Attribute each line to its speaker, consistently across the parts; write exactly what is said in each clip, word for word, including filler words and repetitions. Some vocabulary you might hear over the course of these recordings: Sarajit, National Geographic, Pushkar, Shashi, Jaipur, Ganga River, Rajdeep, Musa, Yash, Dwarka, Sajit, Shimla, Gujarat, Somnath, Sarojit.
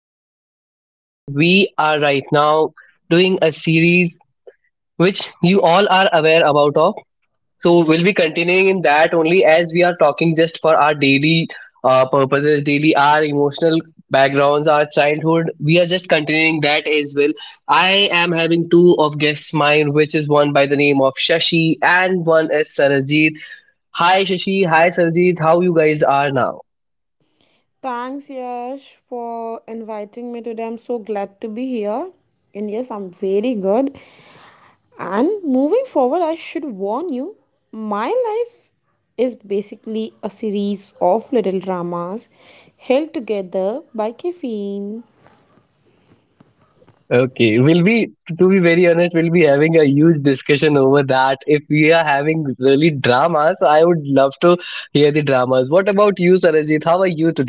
Speaker 1: welcome to the series. We are right now doing a series which you all are aware about of. So we'll be continuing in that only as we are talking just for our daily uh, purposes, daily our emotional backgrounds, our childhood. We are just continuing that as well. I am having two of guests mine, which is one by the name of Shashi and one is Sarajit. Hi Shashi, hi Sarjeet, how you guys are now?
Speaker 2: Thanks, Yash, for inviting me today. I'm so glad to be here. And yes, I'm very good. And moving forward, I should warn you my life is basically a series of little dramas held together by caffeine.
Speaker 1: Okay, we'll be, to be very honest, we'll be having a huge discussion over that. If we are having really dramas, I would love to hear the dramas. What about you, Sarajit? How are you today?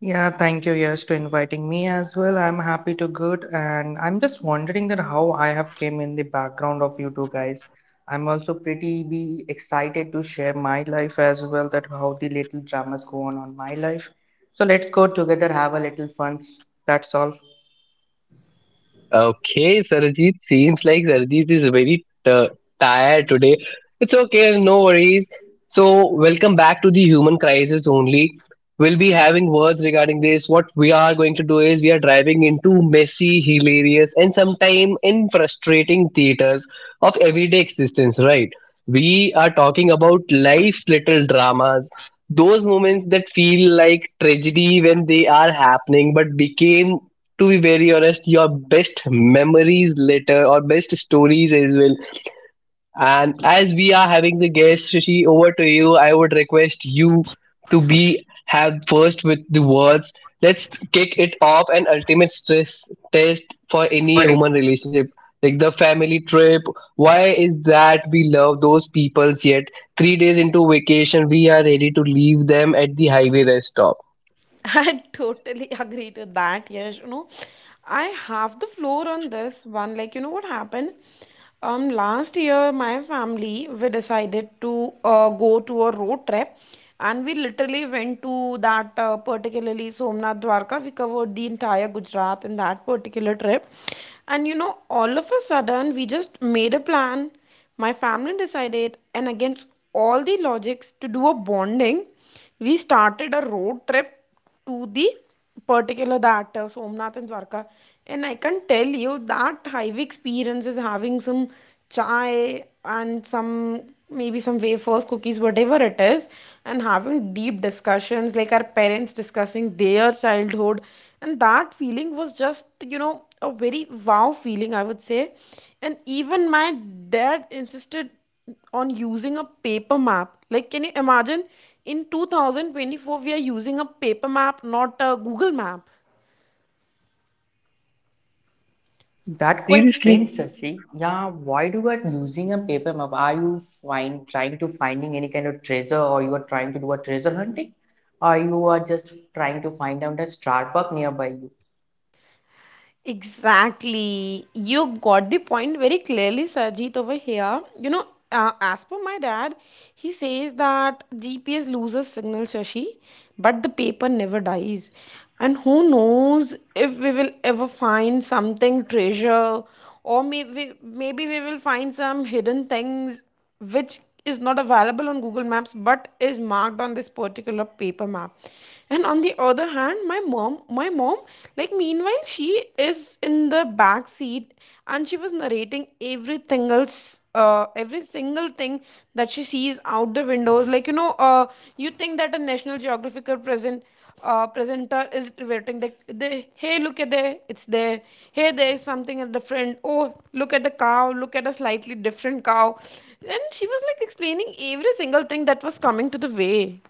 Speaker 3: Yeah, thank you, Yash, to inviting me as well. I'm happy to good, and I'm just wondering that how I have came in the background of you two guys. I'm also pretty be excited to share my life as well, that how the little dramas go on on my life. So let's go together have a little fun. That's all.
Speaker 1: Okay, Sarajit seems like Sarajit is very t- tired today. It's okay, no worries. So, welcome back to the human crisis only. We'll be having words regarding this. What we are going to do is we are driving into messy, hilarious, and sometimes in frustrating theaters of everyday existence, right? We are talking about life's little dramas, those moments that feel like tragedy when they are happening but became, to be very honest, your best memories later or best stories as well. And as we are having the guest, Shashi, over to you. I would request you to be have first with the words. Let's kick it off an ultimate stress test for any human relationship. Like the family trip. Why is that we love those peoples yet three days into vacation we are ready to leave them at the highway rest stop?
Speaker 2: I totally agree to that. Yes, you know, I have the floor on this one. Like, you know what happened? Um, last year, my family we decided to uh, go to a road trip, and we literally went to that uh, particularly Somnath Dwarka. We covered the entire Gujarat in that particular trip, and you know, all of a sudden, we just made a plan. My family decided, and against all the logics, to do a bonding we started a road trip to the particular that uh, Somnath and Dwarka. And I can tell you that hive experience is having some chai and some maybe some wafers, cookies, whatever it is, and having deep discussions like our parents discussing their childhood. And that feeling was just, you know, a very wow feeling, I would say. And even my dad insisted on using a paper map. Like, can you imagine in two thousand twenty-four we are using a paper map, not a Google map?
Speaker 3: That quite
Speaker 1: Seriously?
Speaker 3: strange, Shashi. Yeah, why do you are using a paper map? Are you find trying to finding any kind of treasure, or you are trying to do a treasure hunting, or you are just trying to find out a Starbucks nearby you?
Speaker 2: Exactly. You got the point very clearly, Sajit, over here. You know, uh, as per my dad, he says that G P S loses signal, Shashi, but the paper never dies. And who knows if we will ever find something treasure, or maybe maybe we will find some hidden things which is not available on Google Maps but is marked on this particular paper map. And on the other hand, my mom, my mom, like meanwhile, she is in the back seat and she was narrating every single, uh, every single thing that she sees out the windows. Like you know, uh, you think that a National Geographic are present uh, presenter is waiting. They, they, hey, look at there, it's there. Hey, there is something different. Oh, look at the cow. Look at a slightly different cow. And she was like explaining every single thing that was coming to the way.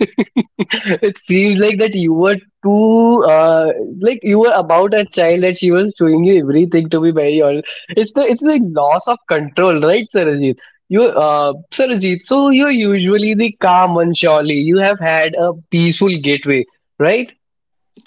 Speaker 1: It seems like that you were too uh, like you were about a child and she was showing you everything, to be very honest. It's the, it's the loss of control, right, Sarajit? You uh Sarajit, so you're usually the calm one. Surely you have had a peaceful gateway, right?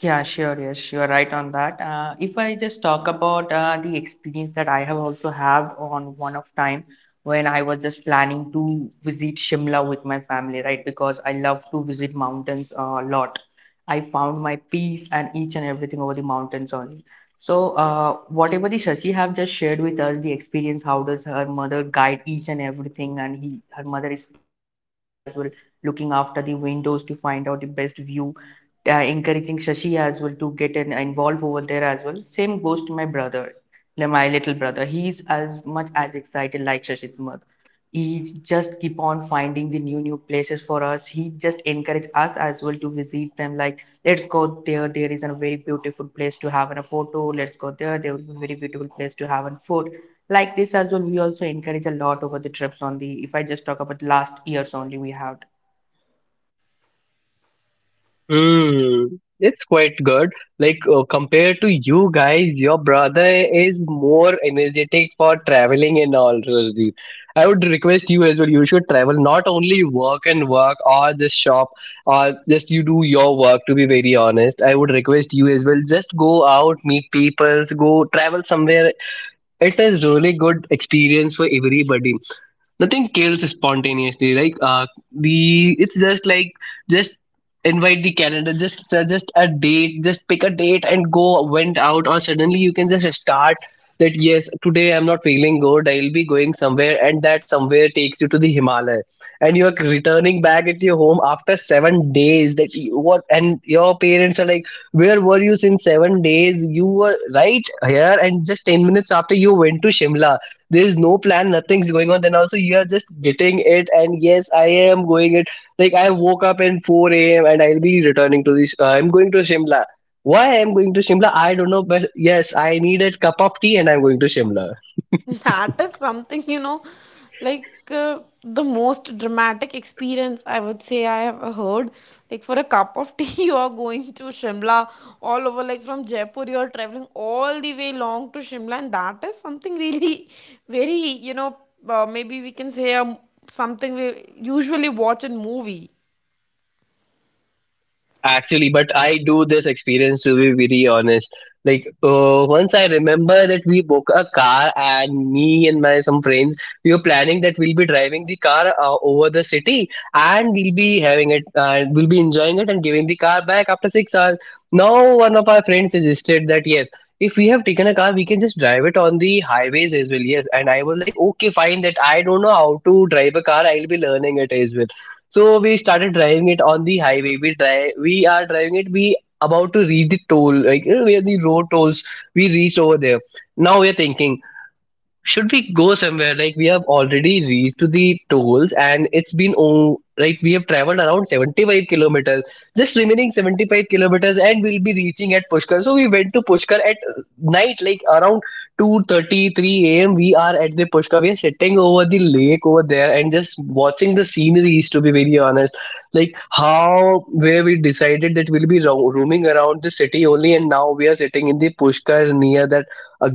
Speaker 3: Yeah, sure, yes, you are right on that. Uh, if I just talk about uh, the experience that I have also had on one of time, when I was just planning to visit Shimla with my family, right? Because I love to visit mountains a lot. I found my peace and each and everything over the mountains only. So, uh, whatever the Shashi have just shared with us, the experience, how does her mother guide each and everything, and he, her mother is too excited as well, looking after the windows to find out the best view, uh, encouraging Shashi as well to get in, involved over there as well. Same goes to my brother. Now, my little brother, he's as much as excited like Shashi's mother. He just keep on finding the new new places for us. He just encourage us as well to visit them. Like, let's go there. There is a very beautiful place to have a photo. Let's go there. There will be very beautiful place to have a food. Like this as well, we also encourage a lot over the trips on the. If I just talk about last years only, we have.
Speaker 1: Hmm, it's quite good. Like, uh, compared to you guys, your brother is more energetic for traveling and all, Rajdeep. I would request you as well. You should travel, not only work and work, or just shop, or just you do your work. To be very honest, I would request you as well. Just go out, meet people, go travel somewhere. It is really good experience for everybody. Nothing kills spontaneously like uh the it's just like, just invite the calendar, just suggest a date, just pick a date and go went out, or suddenly you can just start that yes, today I'm not feeling good, I'll be going somewhere, and that somewhere takes you to the Himalaya and you're returning back at your home after seven days. That you, what, and your parents are like, where were you since seven days? You were right here and just ten minutes after you went to Shimla. There's no plan, nothing's going on, then also you are just getting it and yes, I am going it. Like I woke up in four a.m. and I'll be returning to this, uh, I'm going to Shimla. Why I'm going to Shimla I don't know, but yes, I need a cup of tea and I'm going to Shimla.
Speaker 2: That is something, you know, like uh, the most dramatic experience I would say I have heard. Like for a cup of tea, you are going to Shimla all over, like from Jaipur, you are traveling all the way long to Shimla, and that is something really very, you know, uh, maybe we can say um, something we usually watch in movie.
Speaker 1: No, actually, but I do this experience, to be very honest. Like, uh, once I remember that we booked a car, and me and my some friends we were planning that we'll be driving the car uh, over the city, and we'll be having it, uh, we'll be enjoying it and giving the car back after six hours. Now one of our friends suggested that yes, if we have taken a car, we can just drive it on the highways as well. Yes, and I was like, okay, fine. That I don't know how to drive a car. I'll be learning it as well. So we started driving it on the highway. We drive, we are driving it. We about to reach the toll, like you know, where the road tolls. We reached over there. Now we are thinking, should we go somewhere, like we have already reached to the tolls and it's been, oh, like we have traveled around seventy-five kilometers, just remaining seventy-five kilometers and we'll be reaching at Pushkar. So we went to Pushkar at uh, night, like around two thirty-three a.m. we are at the Pushkar. We are sitting over the lake over there and just watching the sceneries, to be very honest. Like, how, where we decided that we'll be ro- roaming around the city only, and now we are sitting in the Pushkar near that a.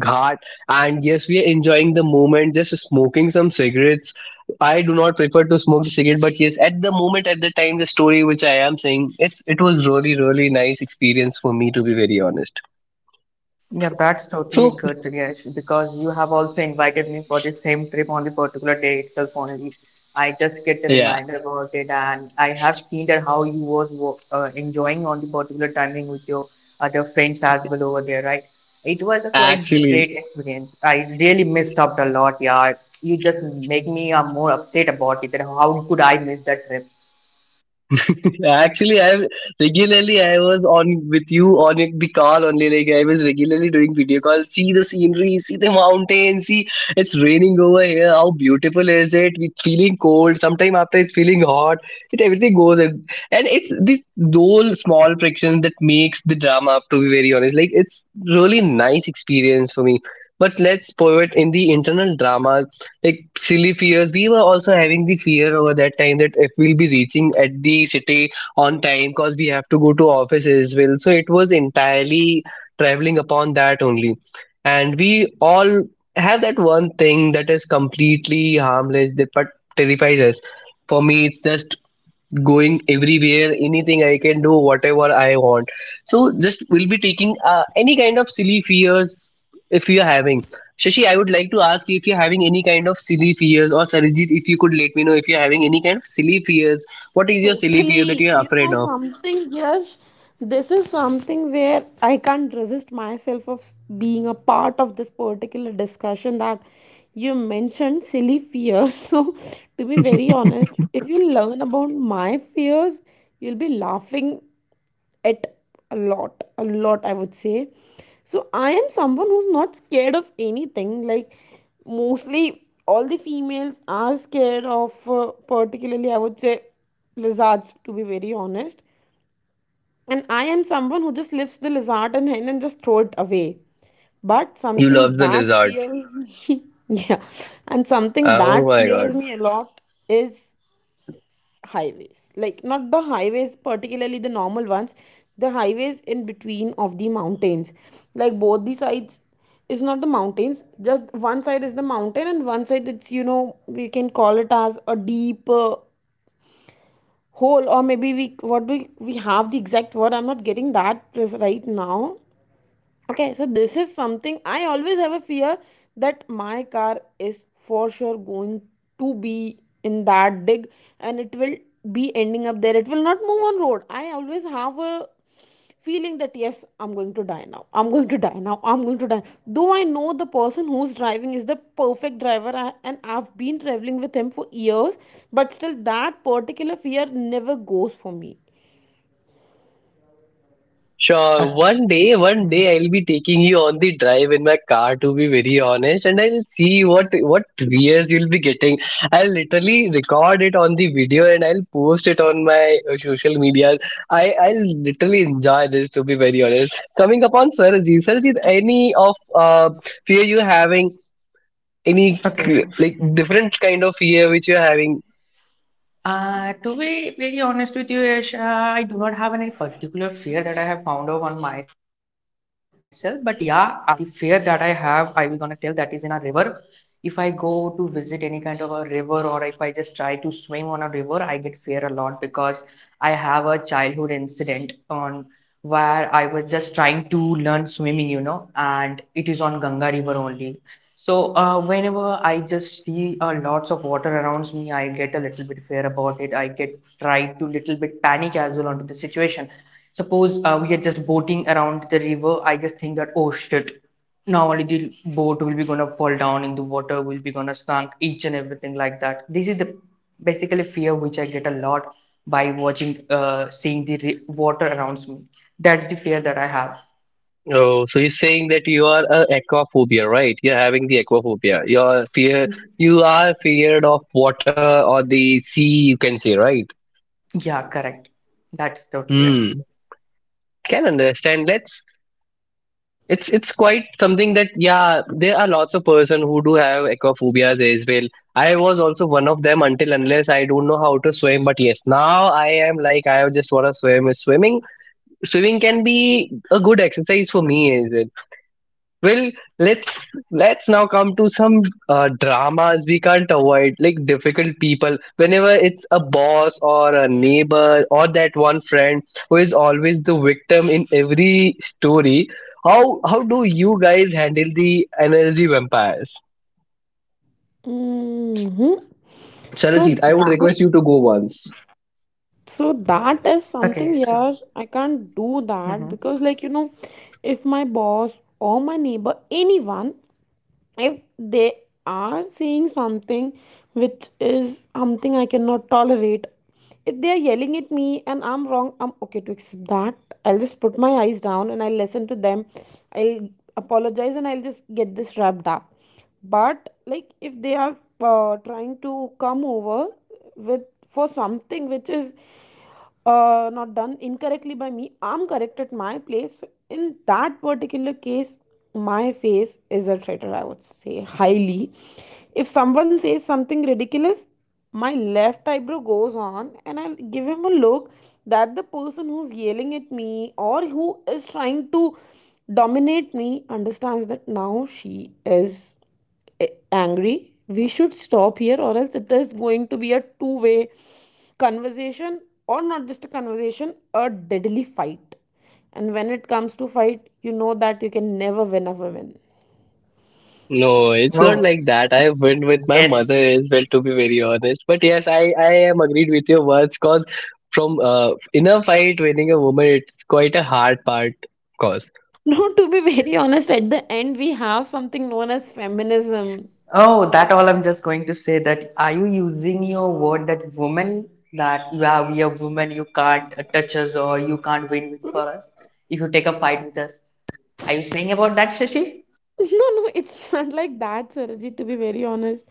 Speaker 1: And yes, we are enjoying the moment, just smoking some cigarettes. I do not prefer to smoke the cigarette, but yes, at the moment, at the time, the story which I am saying, it's, it was really really nice experience for me, to be very honest.
Speaker 3: Yeah, that's totally
Speaker 1: So
Speaker 3: good, Yash, because you have also invited me for the same trip on the particular day itself only. I just get a
Speaker 1: yeah,
Speaker 3: reminder about it, and I have seen that how you was wo- uh, enjoying on the particular timing with your other friends as well over there, right? It was a quite
Speaker 1: actually,
Speaker 3: great experience. I really missed out a lot, yeah. You just make me uh, more upset about it, that how could I miss that trip?
Speaker 1: actually, I regularly I was on with you on the call only. Like I was regularly doing video calls. See the scenery, see the mountains, see it's raining over here. How beautiful is it? It's feeling cold. Sometime after it's feeling hot. It everything goes, and and it's the those small friction that makes the drama. To be very honest, like it's really nice experience for me. But let's pivot in the internal drama, like silly fears. We were also having the fear over that time that if we'll be reaching at the city on time, because we have to go to office as well. So it was entirely traveling upon that only. And we all have that one thing that is completely harmless that but terrifies us. For me it's just going everywhere, anything I can do, whatever I want. So just we'll be taking, uh, any kind of silly fears if you're having. Shashi, I would like to ask if you're having any kind of silly fears, or Sarijit, if you could let me know if you're having any kind of silly fears. What is your silly fear that
Speaker 2: Totally,
Speaker 1: you're
Speaker 2: you know
Speaker 1: afraid of?
Speaker 2: something, Yash. This is something where I can't resist myself of being a part of this particular discussion that you mentioned silly fears. So, to be very honest, if you learn about my fears, you'll be laughing at a lot a lot, I would say. So I am someone who's not scared of anything, like mostly all the females are scared of, uh, particularly I would say lizards, to be very honest. And I am someone who just lifts the lizard and hand and just throw it away, but
Speaker 1: You
Speaker 2: something
Speaker 1: love the
Speaker 2: that
Speaker 1: lizards.
Speaker 2: fears me. Yeah, and something
Speaker 1: Oh
Speaker 2: that
Speaker 1: my god.
Speaker 2: fears me a lot is highways, like not the highways particularly, the normal ones, the highways in between of the mountains. Like both the sides is not the mountains, just one side is the mountain and one side it's, you know, we can call it as a deep uh, hole, or maybe we what we we have the exact word I'm not getting that right now. Okay, so this is something I always have a fear that my car is for sure going to be in that dig and it will be ending up there. It will not move on road. I always have a feeling that yes, I'm going to die now. I'm going to die now. I'm going to die. Though I know the person who's driving is the perfect driver I- and I've been traveling with him for years, but still that particular fear never goes for me.
Speaker 1: Sure, one day, one day
Speaker 3: Mhm.
Speaker 1: I'll be taking you on the drive in my car, to be very honest, and I'll see what what views you'll be getting. I'll literally record it on the video and I'll post it on my uh, social media. I I'll literally enjoy this, to be very honest. Coming upon Swarajit, Swarajit, any of uh fear you having, any cr-
Speaker 3: Okay.
Speaker 1: like different kind of fear which you're having?
Speaker 3: Uh, to be very honest with you, Yash, uh, I do not have any particular fear that I have found out on myself. But yeah, uh, the fear that I have, I will gonna tell that is in a river. If I go to visit any kind of a river or if I just try to swim on a river, I get fear a lot because I have a childhood incident on where I was just trying to learn swimming, you know, and it is on Ganga River only. So uh, whenever I just see uh, lots of water around me, I get a little bit fear about it. I get try to little bit panic as well onto the situation. Suppose uh, we are just boating around the river, I just think that oh shit, now only the boat will be gonna fall down in the water, will be gonna sunk each and everything like that. This is the basically fear which I get a lot by watching, uh, seeing the ri- water around me. That's the fear that I have.
Speaker 1: Oh, so you're saying that you are a aquaphobia, right? You're having the aquaphobia. You're fear. You are feared of water or the sea. You can say, right?
Speaker 3: Yeah, correct. That's totally right.
Speaker 1: Hmm. Can understand. Let's. It's it's quite something that yeah. There are lots of person who do have aquaphobias as well. I was also one of them until unless I don't know how to swim. But yes, now I am like I just want to swim. Swimming swimming can be a good exercise for me as well. Well, let's let's now come to some uh, dramas we can't avoid, like difficult people. Whenever it's a boss or a neighbor or that one friend who is always the victim in every story, how how do you guys handle the energy vampires?
Speaker 2: hmm So
Speaker 1: Charajit, I would
Speaker 2: that.
Speaker 1: request you to go once.
Speaker 2: So that is
Speaker 3: Okay,
Speaker 2: something,
Speaker 3: so.
Speaker 2: yeah, I can't do that
Speaker 3: Mhm.
Speaker 2: because, like, you know, if my boss or my neighbor, anyone, if they are saying something which is something I cannot tolerate, if they are yelling at me and I'm wrong, I'm okay to accept that. I'll just put my eyes down and I'll listen to them. I'll apologize and I'll just get this wrapped up. But, like, if they are uh, trying to come over with for something which is, uh, not done incorrectly by me, I'm correct at my place. In that particular case, my face is a traitor, I would say, highly. If someone says something ridiculous, my left eyebrow goes on and I'll give him a look that the person who's yelling at me or who is trying to dominate me understands that now she is, eh, angry, we should stop here, or else it is going to be a two way conversation, or not just a conversation, a deadly fight. And when it comes to fight, you know that you can never win a woman.
Speaker 1: No, it's not
Speaker 3: Oh,
Speaker 1: like that. I went with my mother
Speaker 3: yes.
Speaker 1: as well, to be very honest. But yes, I, I am agreed with your words cause from, uh, in a fight, winning a woman, it's quite a hard part. Cause
Speaker 2: No, to be very honest, at the end we have something known as feminism.
Speaker 3: Oh, that all I'm just going to say that are you using your word that woman that you are we are woman you can't uh, touch us or you can't win with for us if you take a fight with us. Are you saying about that, Shashi?
Speaker 2: No, no, it's not like that, Sarajit, to be very honest,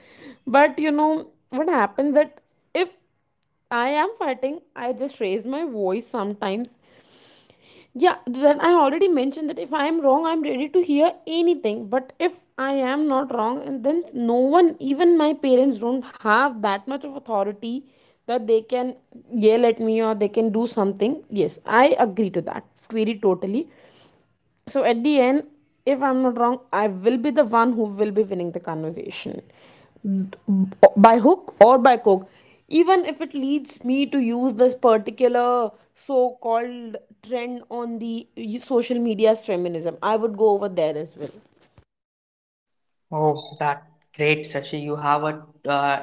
Speaker 2: but you know what happens that if I am fighting, I just raise my voice sometimes. Yeah, then I already mentioned that if I am wrong I'm ready to hear anything, but if I am not wrong, and then no one, even my parents don't have that much of authority that they can yell at me or they can do something. Yes, I agree to that very totally. So at the end, if I'm not wrong, I will be the one who will be winning the conversation by hook or by crook. Even if it leads me to use this particular so called trend on the social media's feminism, I would go over there as well.
Speaker 3: Oh, that great, Shashi. You have a uh,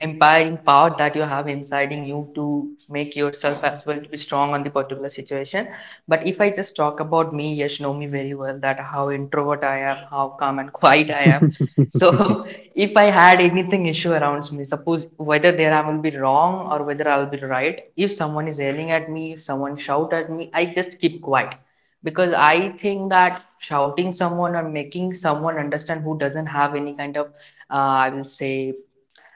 Speaker 3: empowering power that you have inside in you to make yourself as well to be strong on the particular situation. But if I just talk about me, yes, know me very well that how introvert I am, how calm and quiet I am. So if I had anything issue around me, suppose whether there I will be wrong or whether I'll be right, if someone is yelling at me, if someone shout at me, I just keep quiet because I think that shouting someone or making someone understand who doesn't have any kind of, uh, I will say,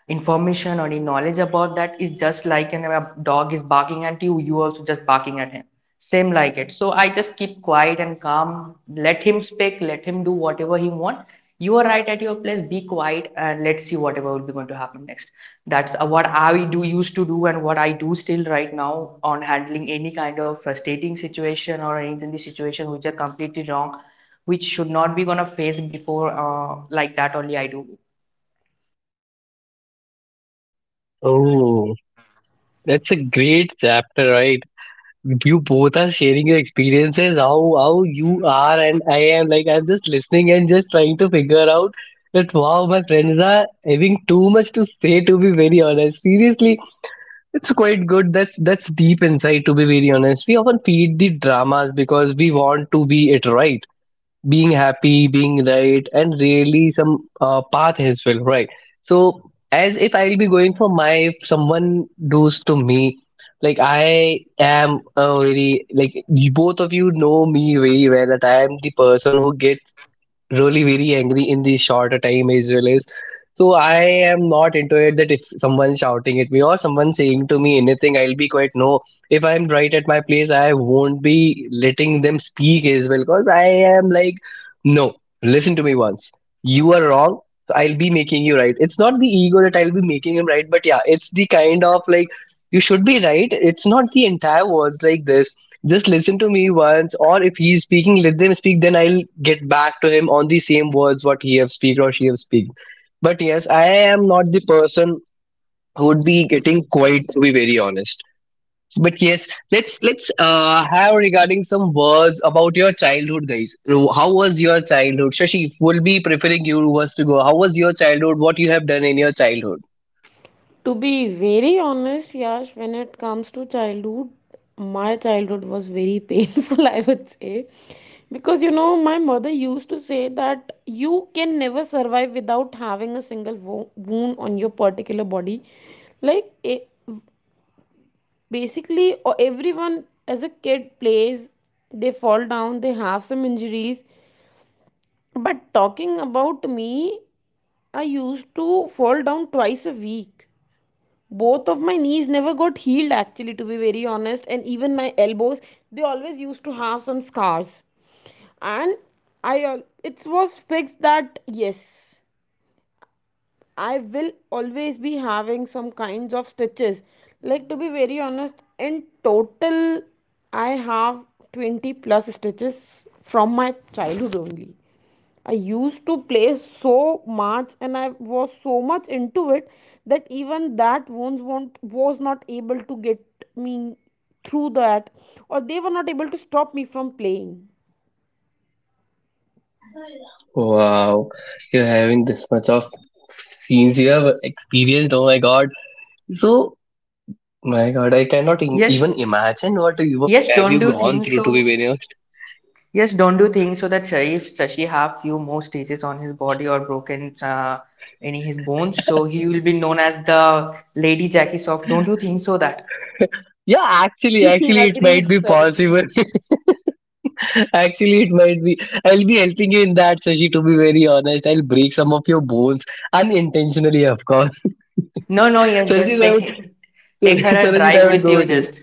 Speaker 3: information or any knowledge about that is just like an a dog is barking at you, you also just barking at him, same like it. So I just keep quiet and calm, let him speak, let him do whatever he want. You are right at your place, be quiet and let's see whatever will be going to happen next. That's uh, what I do used to do and what I do still right now on handling any kind of frustrating situation or anything, the situation which are completely wrong, which should not be gonna face before uh, like that only I do.
Speaker 1: oh, that's a great chapter, right? You both are sharing your experiences, how how you are, and I am like I'm just listening and just trying to figure out that wow, my friends are having too much to say. To be very honest, seriously. It's quite good. That's that's deep insight, to be very honest. We often feed the dramas because we want to be it right. Being happy, being right, and really some uh, path as well, right? So as if I'll be going for my if someone does to me, like I am a very like you- both of you know me very well that I am the person who gets really very angry in the shorter time as well. As so I am not into it that if someone shouting at me or someone saying to me anything I'll be quite. No, if I'm right at my place, I won't be letting them speak as well, because I am like no, listen to me once, you are wrong. So I'll be making you right. It's not the ego that I'll be making him right, but yeah, it's the kind of like you should be right. It's not the entire words like this. Just listen to me once, or if he is speaking let them speak, then I'll get back to him on the same words what he have speak or she have speak. But yes, I am not the person who would be getting quiet, to be very honest. But yes, let's let's uh, have regarding some words about your childhood, guys. So how was your childhood, Shashi? Will be preferring you was to go. How was your childhood, what you have done in your childhood?
Speaker 2: To be very honest, Yash, when it comes to childhood, my childhood was very painful, I would say. Because, you know, my mother used to say that you can never survive without having a single wo- wound on your particular body. Like, it, basically, o- everyone as a kid plays, they fall down, they have some injuries. But talking about me, I used to fall down twice a week. Both of my knees never got healed actually, to be very honest, and even my elbows, they always used to have some scars. And i al- it was fixed that yes, I will always be having some kinds of stitches. Like to be very honest, in total, I have twenty plus stitches from my childhood only. I used to play so much and I was so much into it that even that wounds won't, was not able to get me through that, or they were not able to stop me from playing.
Speaker 1: Wow, you're having this much of scenes you have experienced. Oh my god. So my God, I cannot im
Speaker 3: Yes.
Speaker 1: even imagine what you
Speaker 3: Yes,
Speaker 1: have
Speaker 3: don't
Speaker 1: you
Speaker 3: do
Speaker 1: gone
Speaker 3: things
Speaker 1: through, to be
Speaker 3: so.
Speaker 1: very honest.
Speaker 3: Yes, don't do things so that Sharif Shashi have few more stitches on his body or broken uh, any his bones. So he will be known as the Lady Jackie Soft. Don't you think so that?
Speaker 1: Yeah, actually, actually, it
Speaker 2: Agreed,
Speaker 1: might be
Speaker 2: Sarji.
Speaker 1: possible. Actually, it might be. I'll be helping you in that, Sashi. To be very honest, I'll break some of your bones unintentionally, of course.
Speaker 3: No, no. Yes, just
Speaker 1: Sarajit, I would,
Speaker 3: take take her a
Speaker 1: Sarajit,
Speaker 3: drive
Speaker 1: I would
Speaker 3: with
Speaker 1: go
Speaker 3: you.
Speaker 1: with you.
Speaker 3: Just.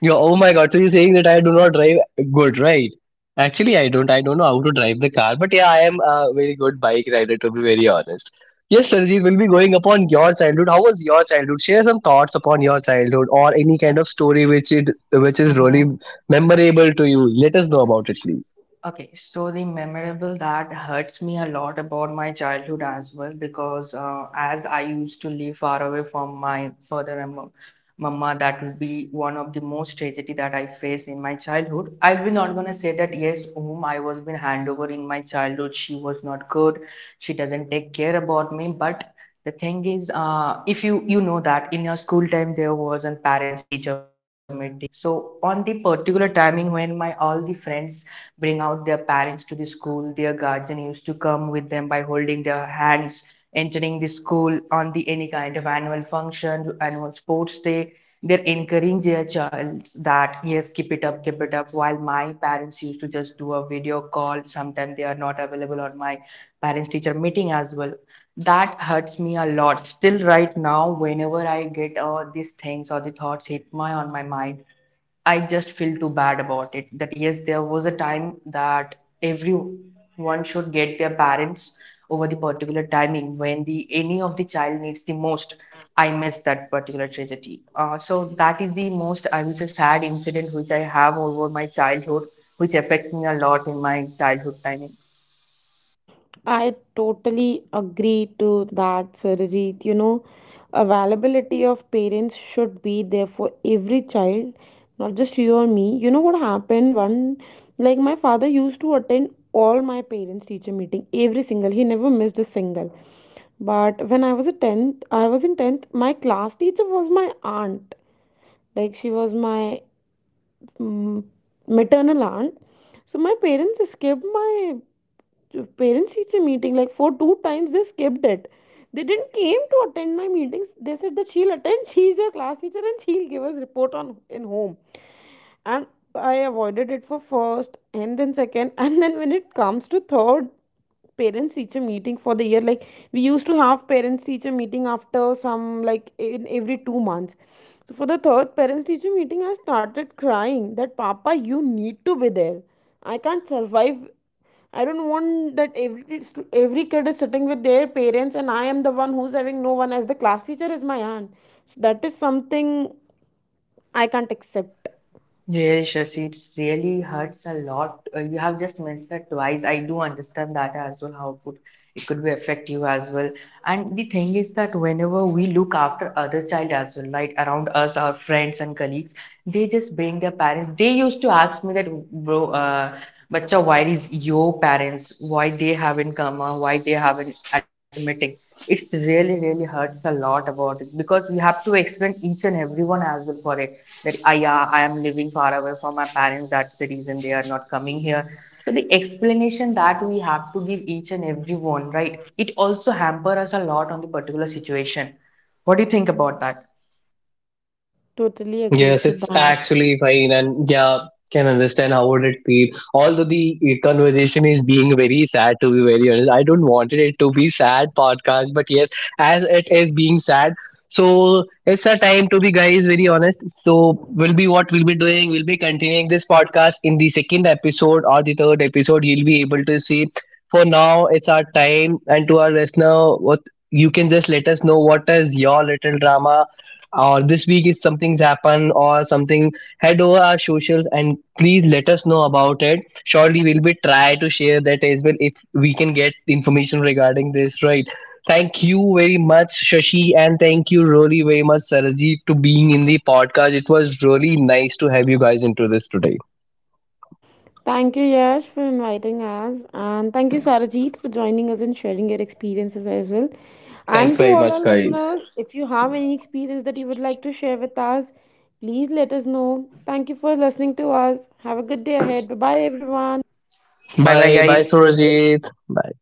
Speaker 1: Yo, oh my God. So you're saying that I do not drive good, right? Actually, I don't. I don't know how to drive the car, but yeah, I am a very good bike rider, to be very honest. Yes, Sanjeev, we'll be going upon your childhood. How was your childhood? Share some thoughts upon your childhood or any kind of story which it which is really
Speaker 3: Mhm.
Speaker 1: memorable to you. Let us know about it, please.
Speaker 3: Okay, so the memorable that hurts me a lot about my childhood as well because uh, as I used to live far away from my father and mo- mama, that will be one of the most tragedy that I face in my childhood. I will not gonna say that yes, whom I was been hand over in my childhood, she was not good, she doesn't take care about me, but the thing is, uh, if you you know that in your school time there was a parents teacher meeting. So on the particular timing when my all the friends bring out their parents to the school. Their guardian used to come with them by holding their hands, entering the school on the any kind of annual function, annual sports day. They're encouraging their child that yes, keep it up, keep it up. While my parents used to just do a video call, sometimes they are not available on my parents teacher meeting as well, that hurts me a lot still right now whenever I get all uh, these things or the thoughts hit my on my mind. I just feel too bad about it. That yes, there was a time that everyone should get their parents over the particular timing when the any of the child needs the most. I miss that particular tragedy. Uh, so that is the most I will say sad incident which I have over my childhood, which affects me a lot in my childhood timing.
Speaker 2: I totally agree to that, Sarojit. You know, availability of parents should be there for every child, not just you or me. You know what happened? One, like my father used to attend all my parents' teacher meeting, every single. He never missed a single. But when I was a tenth, I was in tenth. My class teacher was my aunt. Like she was my mm, maternal aunt. So my parents skipped my parents teacher meeting, like for two times they skipped it. They didn't came to attend my meetings. They said that she'll attend. She's your class teacher and she'll give us report on in home. And I avoided it for first and then second, and then when it comes to third parents teacher meeting for the year, like we used to have parents teacher meeting after some, like in every two months. So for the third parents teacher meeting, I started crying that papa you need to be there, I can't survive, I don't want that every every kid is sitting with their parents and I am the one who's having no one, as the class teacher is my aunt. So that is something I can't accept.
Speaker 3: Really, Shashi, it really hurts a lot. Uh, you have just mentioned that twice. I do understand that as well, how could it could be affect you as well. And the thing is that whenever we look after other child as well, right, around us, our friends and colleagues, they just bring their parents. They used to ask me that, bro, uh, bacha, why is your parents, why they haven't come, or why they haven't attend the meeting? It's really, really hurts a lot about it because we have to explain each and everyone as well for it that I, yeah, I am living far away from my parents. That's the reason they are not coming here. So the explanation that we have to give each and everyone, right? It also hamper us a lot on the particular situation. What do you think about that?
Speaker 2: Totally agree
Speaker 1: Yes,
Speaker 2: to
Speaker 1: it's
Speaker 2: that.
Speaker 1: actually fine, and yeah, can understand how would it feel. Although the uh, conversation is being very sad, to be very honest, I don't wanted it to be sad podcast, but yes, as it is being sad, so it's a time to be guys very honest. So will be what we'll be doing. We'll be continuing this podcast in the second episode or the third episode. You'll be able to see. For now, it's our time, and to our listener, what you can just let us know what is your little drama, or this week if something's happened or something. Head over our socials and please let us know about it. Surely we'll be try to share that as well if we can get information regarding this, right? Thank you very much Shashi, and thank you really very much Saraji, to being in the podcast. It was really nice to have you guys into this today.
Speaker 2: Thank you, Yash, for inviting us. And thank you, Sarajit, for joining us and sharing your experiences as well.
Speaker 1: Thanks
Speaker 2: And to
Speaker 1: very
Speaker 2: all our
Speaker 1: much guys.
Speaker 2: listeners, if you have any experience that you would like to share with us, please let us know. Thank you for listening to us. Have a good day ahead. Bye bye, everyone.
Speaker 3: Bye bye,
Speaker 1: Bye bye
Speaker 3: guys.
Speaker 1: Surajit, bye.